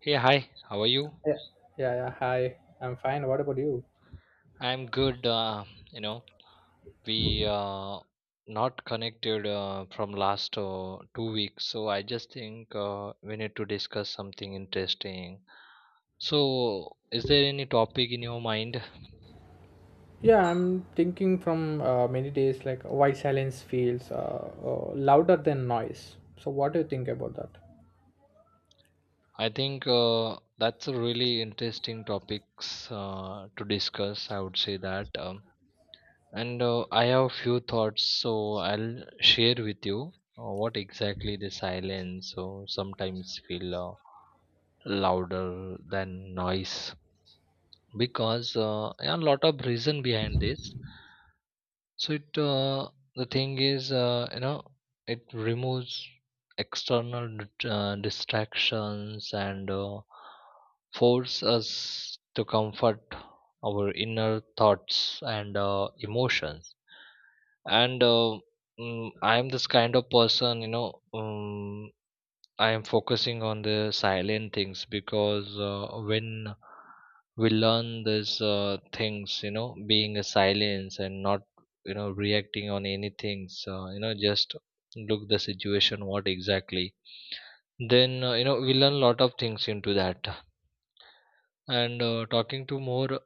Hey, hi, how are you? Yeah, yeah, yeah. Hi, I'm fine. What about you? I'm good. You know, we not connected from last 2 weeks, so I just think we need to discuss something interesting. So, is there any topic in your mind? Yeah, I'm thinking from many days like why silence feels louder than noise. So, what do you think about that? I think that's a really interesting topics to discuss. I would say that, and I have few thoughts, so I'll share with you what exactly the silence. So sometimes feel. Louder than noise because yeah, a lot of reason behind this so it the thing is it removes external distractions and force us to comfort our inner thoughts and emotions and uh, I am this kind of person I am focusing on the silent things because when we learn these things, being a silence and not, reacting on anything, just look the situation, what exactly, then, we learn lot of things into that. And talking to more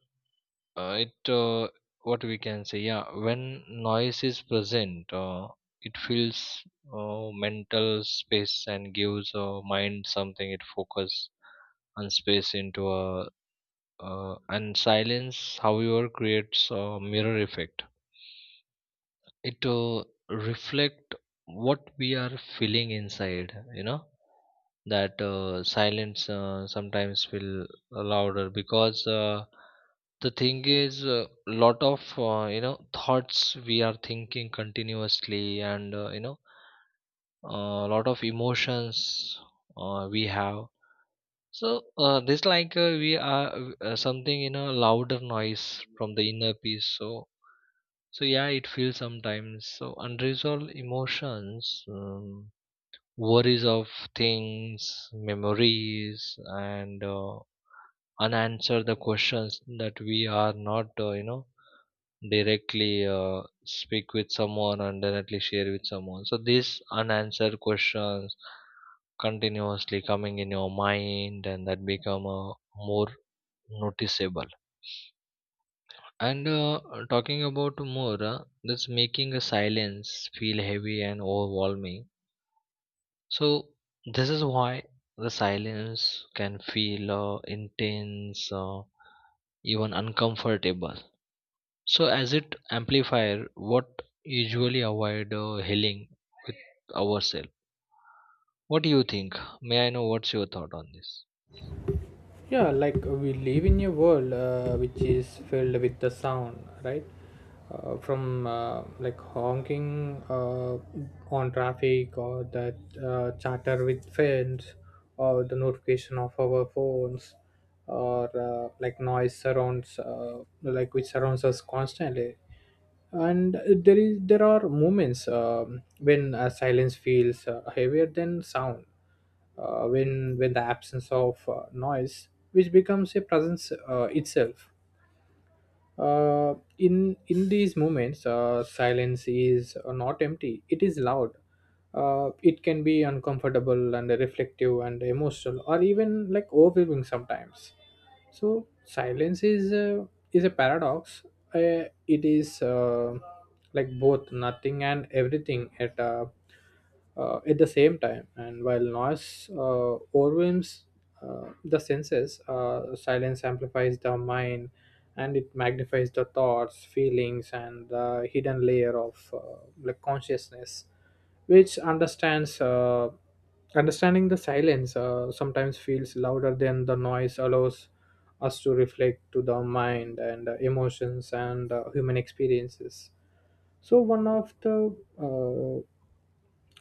it What we can say, yeah, when noise is present it fills mental space and gives mind something it focus and space into a and silence however creates a mirror effect it reflect what we are feeling inside, you know, that silence sometimes feel louder because the thing is a lot of thoughts we are thinking continuously and, a lot of emotions we have. So this like we are something, you know, louder noise from the inner peace. So so yeah, it feels sometimes. So unresolved emotions, worries of things, memories, and unanswered the questions that we are not, directly speak with someone and directly share with someone. So these unanswered questions continuously coming in your mind, and that become more noticeable. And talking about more, that's making a silence feel heavy and overwhelming. So this is why the silence can feel intense, even uncomfortable. So as it amplifier, what usually avoid healing with ourselves. What do you think? May I know what's your thought on this? Yeah, we live in a world which is filled with the sound, right? From like honking on traffic, or that chatter with friends, or the notification of our phones, or like noise surrounds like which surrounds us constantly. And there are moments when silence feels heavier than sound, when the absence of noise which becomes a presence itself. In these moments silence is not empty, it is loud. It can be uncomfortable and reflective and emotional, or even like overwhelming sometimes. So silence is a paradox. It is like both nothing and everything at the same time. And while noise overwhelms the senses, silence amplifies the mind, and it magnifies the thoughts, feelings, and the hidden layer of like consciousness which understands understanding the silence sometimes feels louder than the noise, allows us to reflect to the mind and emotions and human experiences. So one of the uh,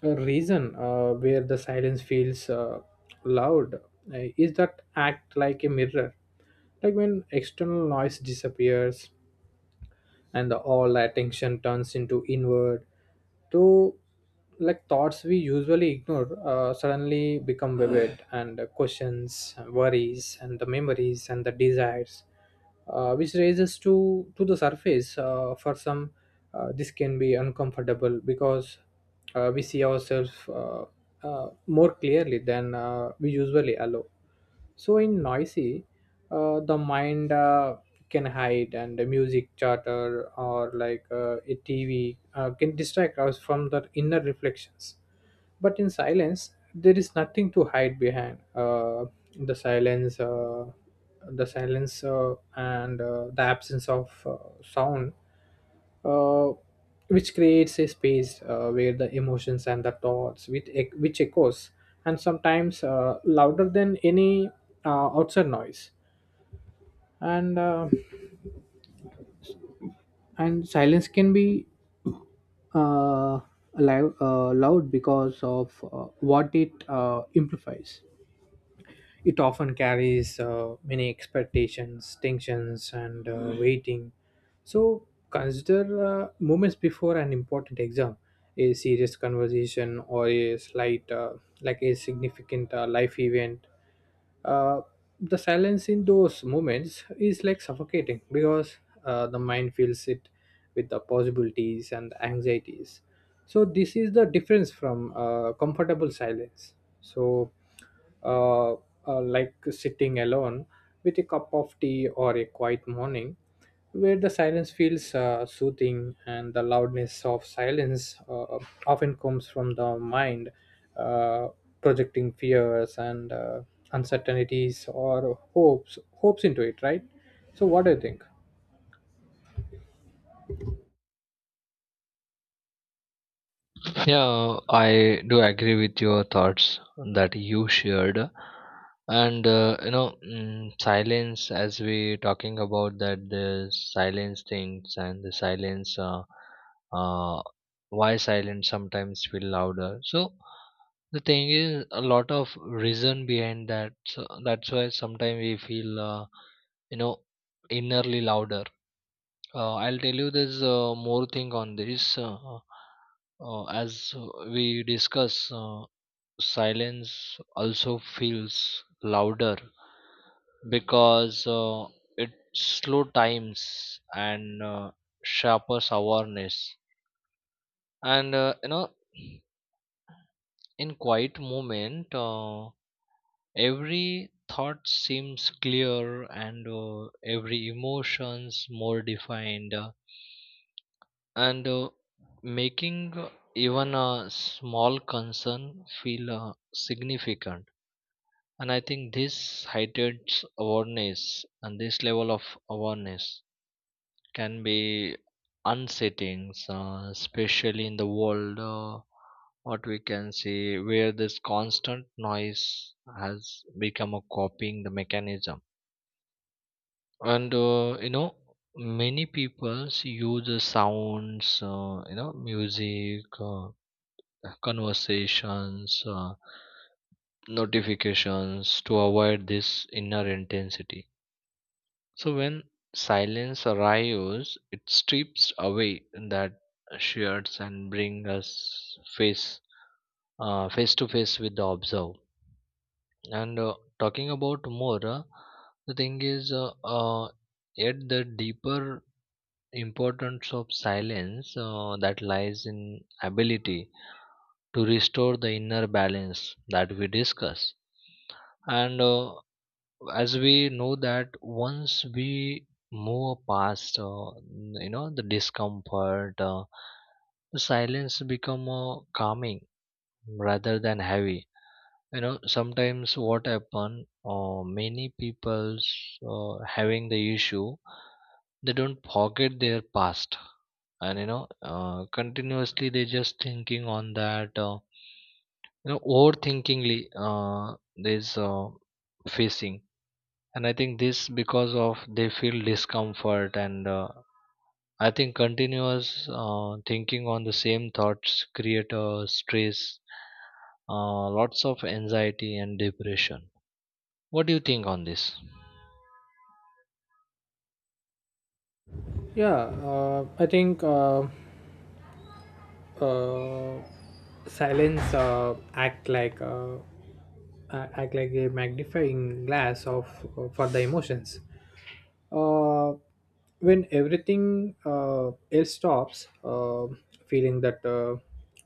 a reason where the silence feels loud is that act like a mirror. Like, when external noise disappears and the all attention turns into inward to like thoughts we usually ignore suddenly become vivid and the questions, worries, and the memories, and the desires which raises to the surface. For some, this can be uncomfortable because we see ourselves more clearly than we usually allow. So in noisy, the mind can hide, and the music, chatter, or like a TV can distract us from the inner reflections. But in silence, there is nothing to hide behind. The silence uh, the silence and the absence of sound uh, which creates a space where the emotions and the thoughts which echoes and sometimes louder than any outside noise. And uh, and silence can be uh, alive, loud because of what it amplifies. It often carries many expectations, tensions, and waiting. So consider moments before an important exam, a serious conversation, or a slight, like a significant life event. uh, the silence in those moments is like suffocating because the mind fills it with the possibilities and anxieties. So this is the difference from comfortable silence. So like sitting alone with a cup of tea or a quiet morning where the silence feels soothing, and the loudness of silence often comes from the mind uh, projecting fears and uncertainties or hopes into it, right? So what do you think? Yeah, I do agree with your thoughts that you shared. And you know, mm, silence, as we talking about that the silence things and the silence, uh, why silence sometimes feel louder. So the thing is a lot of reason behind that. So that's why sometimes we feel, you know, innerly louder. I'll tell you there's more thing on this. As we discuss, silence also feels louder because it slow times and sharpens awareness. And you know, in quiet moment, every thought seems clear and every emotions more defined. And making even a small concern feel significant. And I think this heightened awareness and this level of awareness can be unsettling especially in the world what we can see where this constant noise has become a copying the mechanism. And you know, many people use the sounds, you know, music, conversations, notifications to avoid this inner intensity. So when silence arrives, it strips away that shirts and bring us face face to face with the observe. And talking about more, the thing is, yet the deeper importance of silence that lies in ability to restore the inner balance that we discuss. And as we know that once we move past you know, the discomfort, the silence become calming rather than heavy. You know sometimes what happen, many people's having the issue, they don't forget their past, and you know continuously they just thinking on that, you know, overthinkingly this facing. And I think this because of they feel discomfort, and I think continuous thinking on the same thoughts create a stress, lots of anxiety and depression. What do you think on this? Yeah uh, i think uh, uh, silence act like a- act like a magnifying glass of for the emotions. uh, when everything else stops, feeling that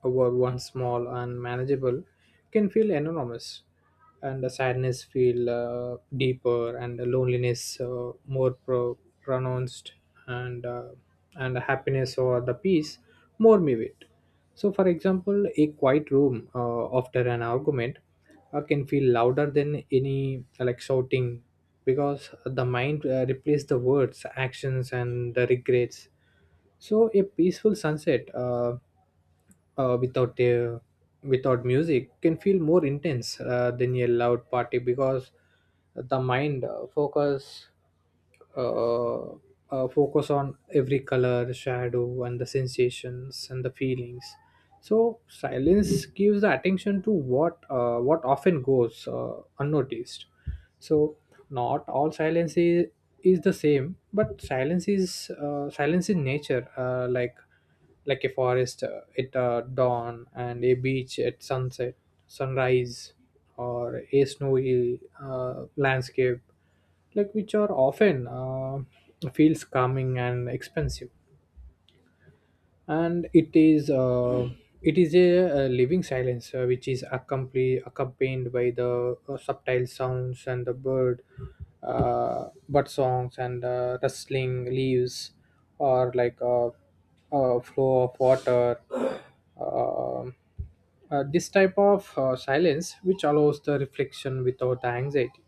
a work once small and manageable can feel enormous, and the sadness feel deeper, and the loneliness pronounced, and uh, and the happiness or the peace more muted. So, for example, a quiet room after an argument can feel louder than any like shouting, because the mind replaces the words, actions, and the regrets. So a peaceful sunset uh, without uh, without music can feel more intense than a loud party, because the mind uh, focus on every color, shadow, and the sensations and the feelings. So silence gives the attention to what often goes unnoticed. So not all silence is the same. But silence is silence in nature, like a forest at dawn, and a beach at sunset, sunrise, or a snowy landscape, like which are often feels calming and expensive. And it is a living silence accompanied by the subtle sounds, and the bird songs, and rustling leaves, or like a flow of water. Um this type of silence which allows the reflection without the anxiety.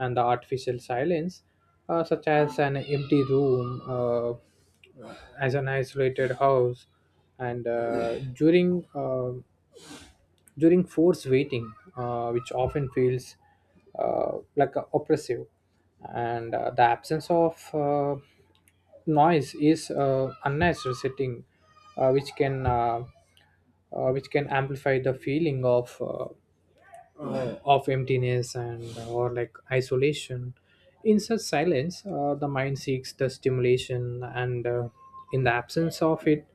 And the artificial silence such as an empty room as an isolated house, and during forced waiting which often feels oppressive. And the absence of noise is unnatural setting, uh, which can uh, which can amplify the feeling of emptiness, and or like isolation. In such silence, the mind seeks the stimulation, and in the absence of it,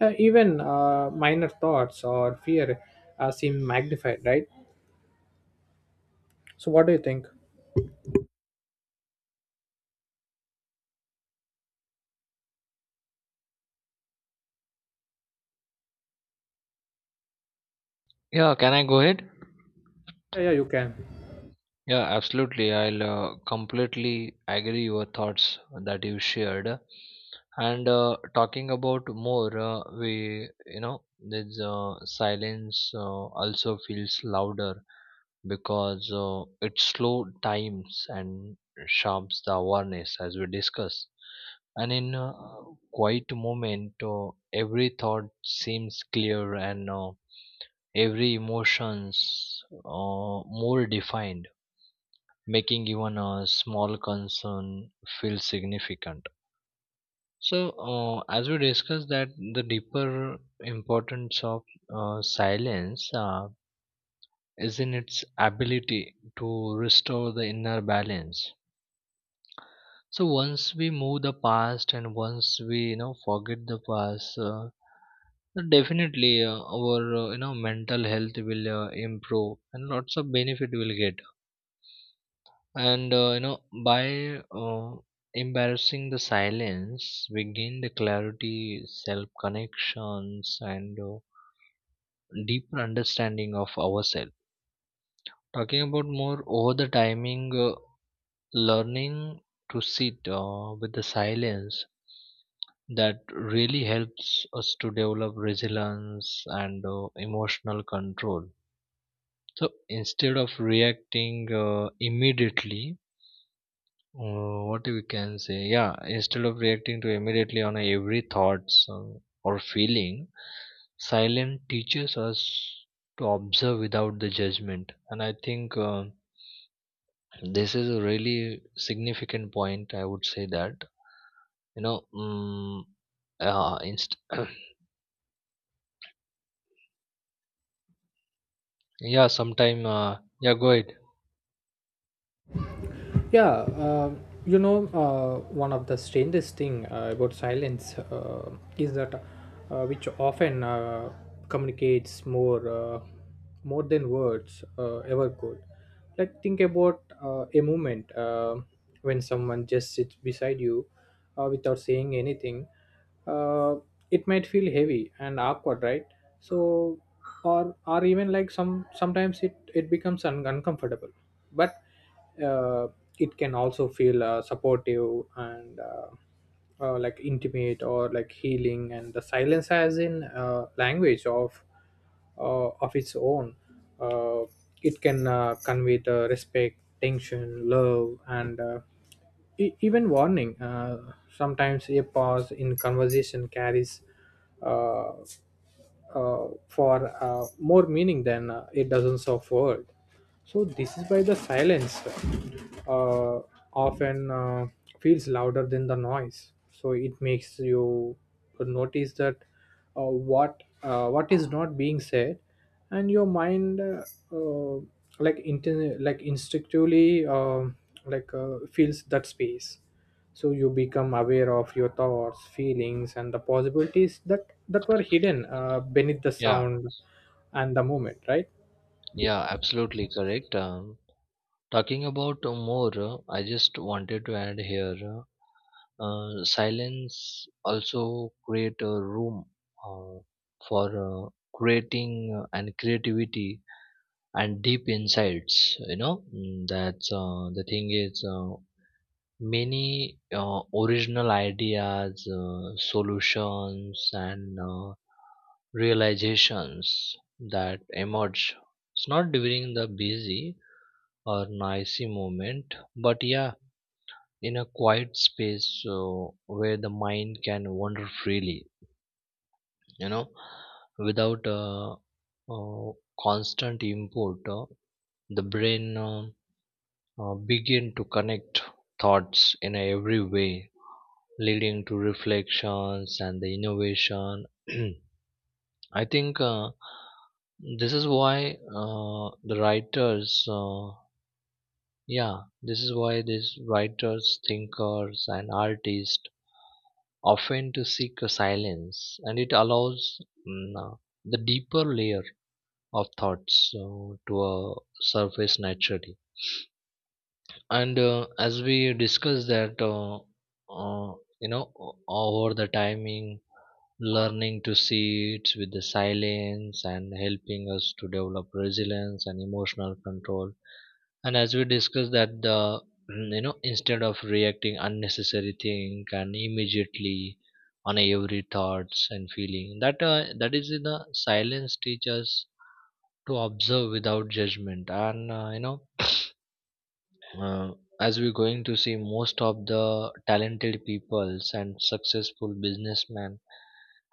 even minor thoughts or fear seem magnified, right? So what do you think? Yeah, can I go ahead? Yeah, yeah, you can. Yeah, absolutely. I'll completely agree your thoughts that you shared. And talking about more, we, you know, this silence also feels louder because it slow times and sharps the awareness as we discuss. And in a quiet moment, every thought seems clear and every emotions more defined, making even a small concern feel significant. So, as we discussed that the deeper importance of silence is in its ability to restore the inner balance. So once we move the past and once we, you know, forget the past, definitely our, you know, mental health will improve and lots of benefit will get. And you know, by embarrassing the silence, we gain the clarity, self connections, and deeper understanding of ourselves. Talking about more over the timing, learning to sit with the silence, that really helps us to develop resilience and emotional control. So instead of reacting immediately, what we can say, yeah, instead of reacting to immediately on every thoughts, or feeling, silence teaches us to observe without the judgment. And I think this is a really significant point. I would say that, you know, mm, uh, inst- yeah, sometime, yeah, go ahead. Yeah, one of the strangest thing about silence is that which often communicates more than words ever could. Like, think about a moment when someone just sits beside you without saying anything. Uh, it might feel heavy and awkward, right? So, or even like sometimes it becomes uncomfortable, but uh, it can also feel supportive and like intimate or like healing. And the silence has in language of its own. uh, it can convey the respect, tension, love, and even warning. Sometimes a pause in conversation carries uh, for more meaning than a dozens of words. So this is why the silence uh, often feels louder than the noise. So it makes you notice that uh, what is not being said, and your mind uh, like instinctively feels that space. So you become aware of your thoughts, feelings, and the possibilities that were hidden beneath the Yeah, sound and the moment, right? yeah, absolutely correct. Talking about more, I just wanted to add here, silence also create a room uh, for creating and creativity and deep insights. You know, mm, that's the thing is, many original ideas, solutions, and realizations that emerge. It's not during the busy or noisy movement, but yeah, in a quiet space, so where the mind can wander freely, you know, without uh, constant input, the brain begin to connect thoughts in every way, leading to reflections and the innovation. I think this is why the writers uh, Yeah, this is why these writers, thinkers, and artists often to seek a silence, and it allows, mm, uh, the deeper layer of thoughts to surface naturally. And as we discuss that, uh, you know, over the timing, learning to see it with the silence and helping us to develop resilience and emotional control. And as we discussed that the, mm, you know, instead of reacting unnecessary thing and immediately on every thoughts and feeling that is in the silence teaches to observe without judgment. And you know, uh, as we're going to see most of the talented peoples and successful businessmen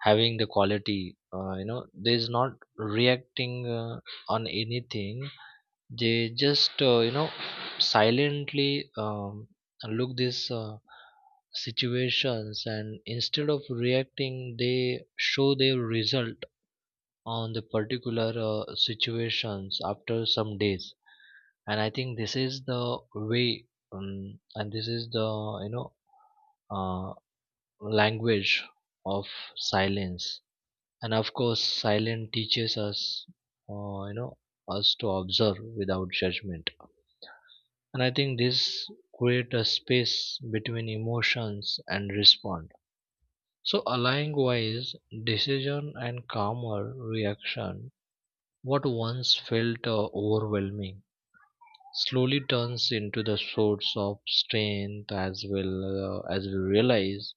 having the quality, you know, there is not reacting on anything. They just, you know, silently, look these situations, and instead of reacting they show their result on the particular situations after some days. And I think this is the way, and this is the, you know, uh, language of silence. And of course silence teaches us, you know, us to observe without judgment. And I think this create a space between emotions and respond, so allowing wise decision and calmer reaction. What once felt overwhelming slowly turns into the source of strength as well, as we realize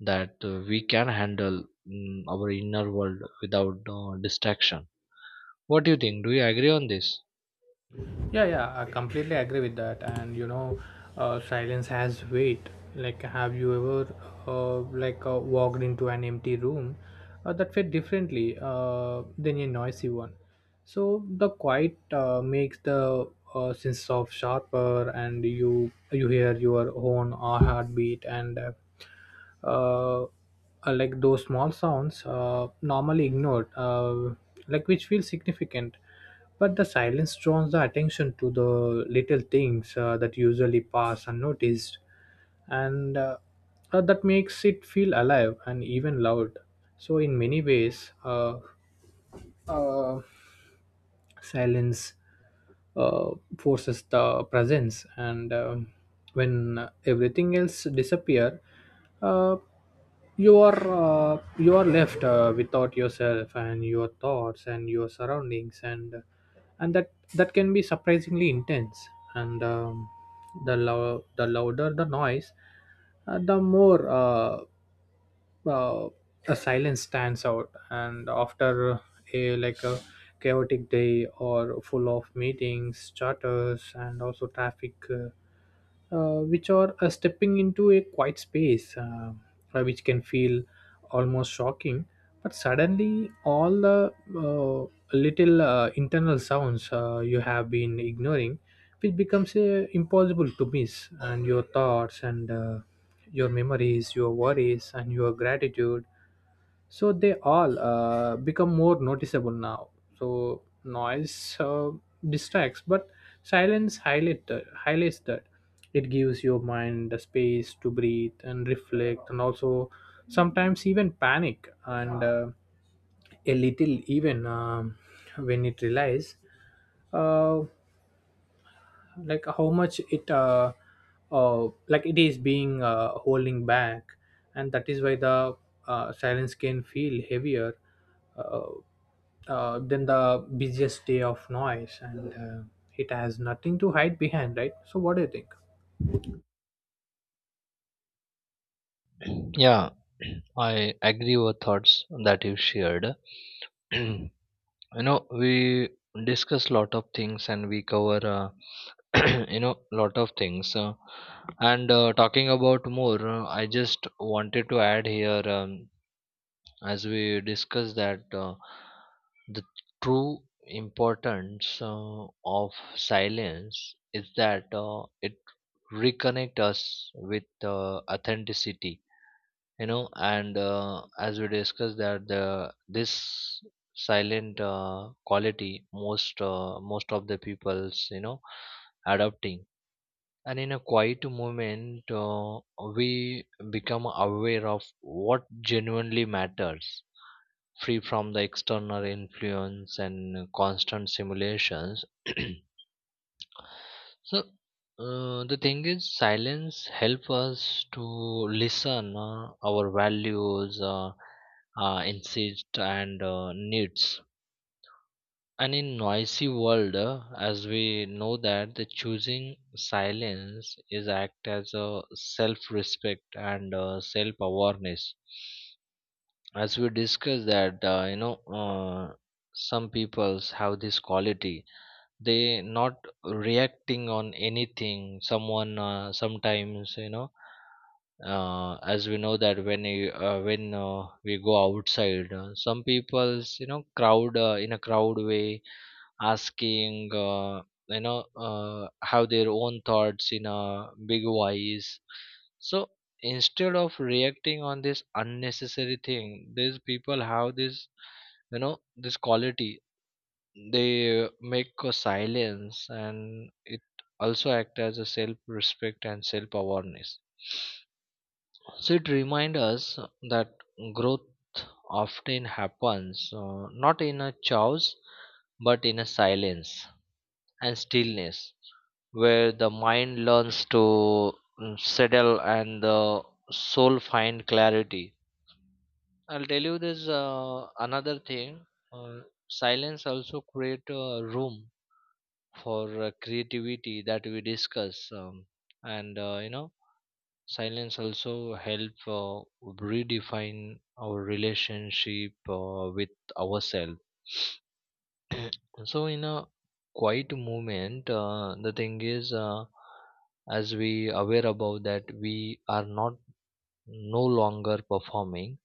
that we can handle, mm, our inner world without distraction. What do you think, do you agree on this? Yeah, yeah, I completely agree with that. And you know, silence has weight. Like, have you ever uh, walked into an empty room that felt differently than a noisy one? So the quiet makes the sense of sharper, and you hear your own heartbeat and. uh, uh, like those small sounds normally ignored like which feel significant. But the silence draws the attention to the little things that usually pass unnoticed. And that makes it feel alive and even loud. So in many ways, uh, silence uh, forces the presence, and when everything else disappear, uh, you are left without yourself and your thoughts and your surroundings. And that can be surprisingly intense. And the louder the noise, the more uh, a silence stands out. And after a like a chaotic day or full of meetings, charters, and also traffic, which are stepping into a quiet space, which can feel almost shocking. But suddenly, all the little internal sounds you have been ignoring, which becomes impossible to miss, and your thoughts, and your memories, your worries, and your gratitude, so they all become more noticeable now. So noise distracts, but highlights that. It gives your mind the space to breathe and reflect, and also sometimes even panic, and a little even, when it relies uh, like how much it is being holding back. And that is why the silence can feel heavier uh, than the busiest day of noise, and it has nothing to hide behind, right? So what do you think? Yeah. I agree with thoughts that you shared. You know, we discuss lot of things, and we cover you know, lot of things. And Talking about more, I just wanted to add here, as we discuss that, the true importance of silence is that it reconnect us with, uh, authenticity. You know, and as we discussed that the this silent quality, most of the people's, you know, adopting. And in a quiet moment, we become aware of what genuinely matters, free from the external influence and constant simulations. So the thing is, silence help us to listen our values, insist and needs. And in noisy world, as we know that the choosing silence is act as a self-respect and self-awareness. As we discussed that, uh, some peoples have this quality, they not reacting on anything someone, sometimes, you know, as we know that when you, when we go outside, some people's, you know, crowd, in a crowd way, asking, have their own thoughts in a big voice. So instead of reacting on this unnecessary thing, these people have this, you know, this quality, they make a silence, and it also act as a self respect and self awareness. So it reminds us that growth often happens not in a chaos, but in a silence and stillness where the mind learns to, mm, settle and the soul find clarity. I'll tell you this another thing, uh, silence also create a room for creativity that we discuss. Um, and You know, silence also help redefine our relationship with ourselves. So in a quiet movement, the thing is, as we aware about that, we are not no longer performing,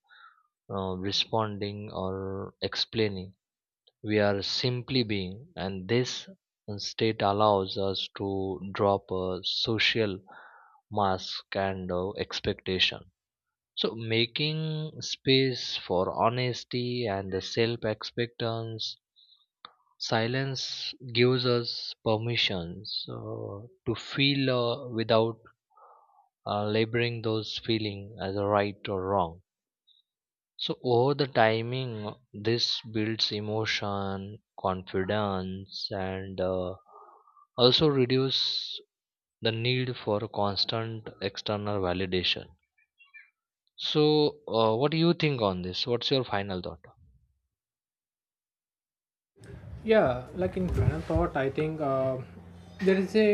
responding, or explaining. We are simply being, and this state allows us to drop a social mask and expectation. So making space for honesty and the self-expectance. Silence gives us permissions to feel without laboring those feelings as a right or wrong. So over the timing, this builds emotion confidence and also reduce the need for constant external validation. So what do you think on this, what's your final thought? Yeah, like, in final thought, I think there is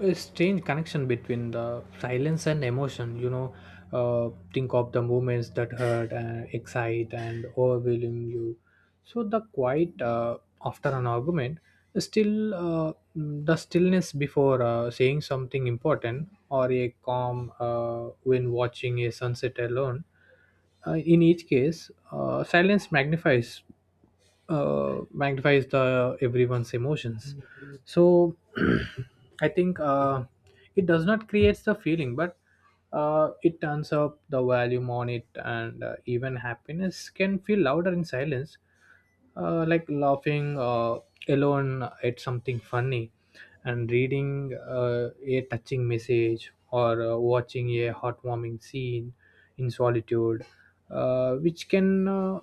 a strange connection between the silence and emotion, you know. Think of the moments that hurt and excite and overwhelm you. So the quiet after an argument, still the stillness before saying something important, or a calm when watching a sunset alone. In each case, silence magnifies the everyone's emotions. So I think it does not creates the feeling, but it turns up the volume on it. And even happiness can feel louder in silence. Like laughing alone at something funny, and reading a touching message, or watching a heartwarming scene in solitude, uh, which can uh,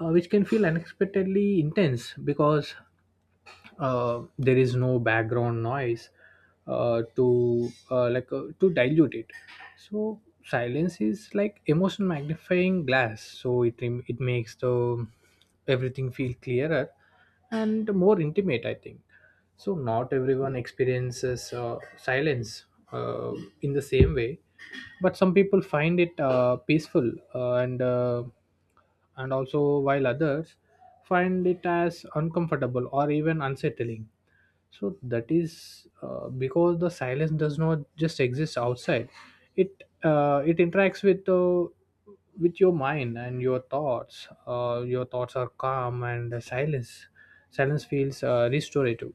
which can feel unexpectedly intense, because there is no background noise to dilute it. So silence is like emotion magnifying glass. So it makes the everything feel clearer and more intimate, I think. So not everyone experiences silence uh, in the same way. But some people find it peaceful, and also while others find it as uncomfortable or even unsettling. So that is because the silence does not just exist outside. It interacts with your mind and your thoughts. Your thoughts are calm, and the silence feels restorative.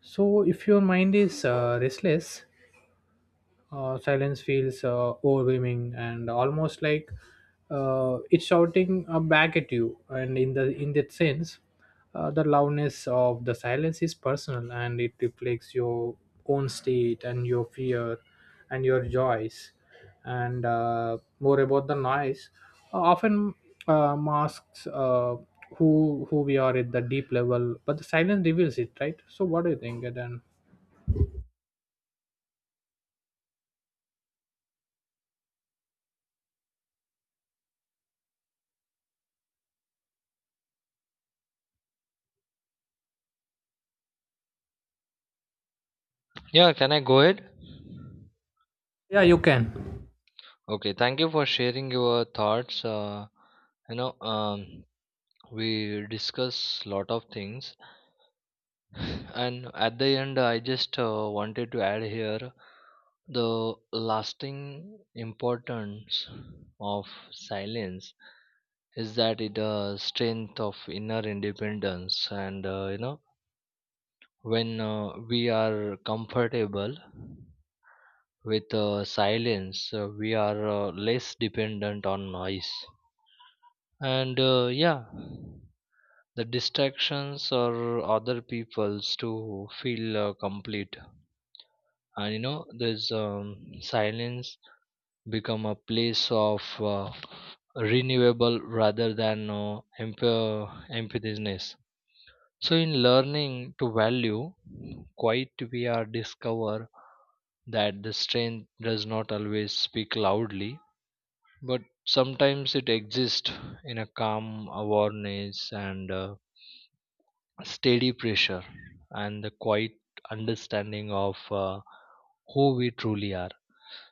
So if your mind is restless, silence feels overwhelming and almost like it's shouting back at you. And in that sense, the loudness of the silence is personal, and it reflects your own state, and your fear, and your joys. And more about the noise often masks who we are at the deep level, but the silence reveals it, right? So what do you think then? Yeah, can I go ahead? Yeah, you can. Okay, thank you for sharing your thoughts. You know, we discuss lot of things, and at the end, I just wanted to add here the lasting importance of silence is that it strength of inner independence. And you know, when we are comfortable with silence, we are less dependent on noise and yeah the distractions or other people's to feel complete. And you know this, silence become a place of renewable rather than emptiness. So in learning to value quite, we are discover that the strength does not always speak loudly, but sometimes it exists in a calm awareness and steady pressure and the quiet understanding of who we truly are.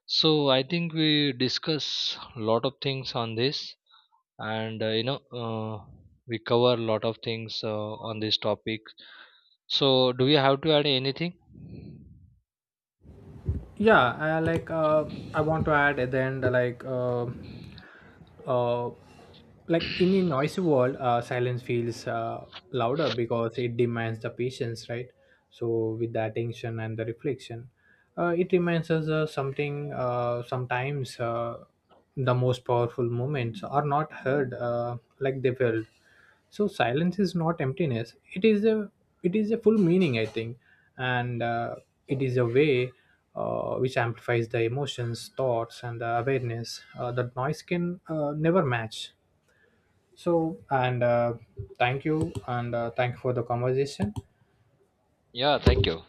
So I think we discuss a lot of things on this, and we cover a lot of things on this topic. So do we have to add anything? Yeah, I want to add at the end, uh, like in a noisy world, silence feels louder because it demands the patience, right? So with the attention and the reflection, it reminds us something sometimes the most powerful moments are not heard like they felt. So silence is not emptiness, it is a full meaning, I think. And it is a way which amplifies the emotions, thoughts, and the awareness that noise can never match. So and thank you, and thank you for the conversation. Yeah, thank you.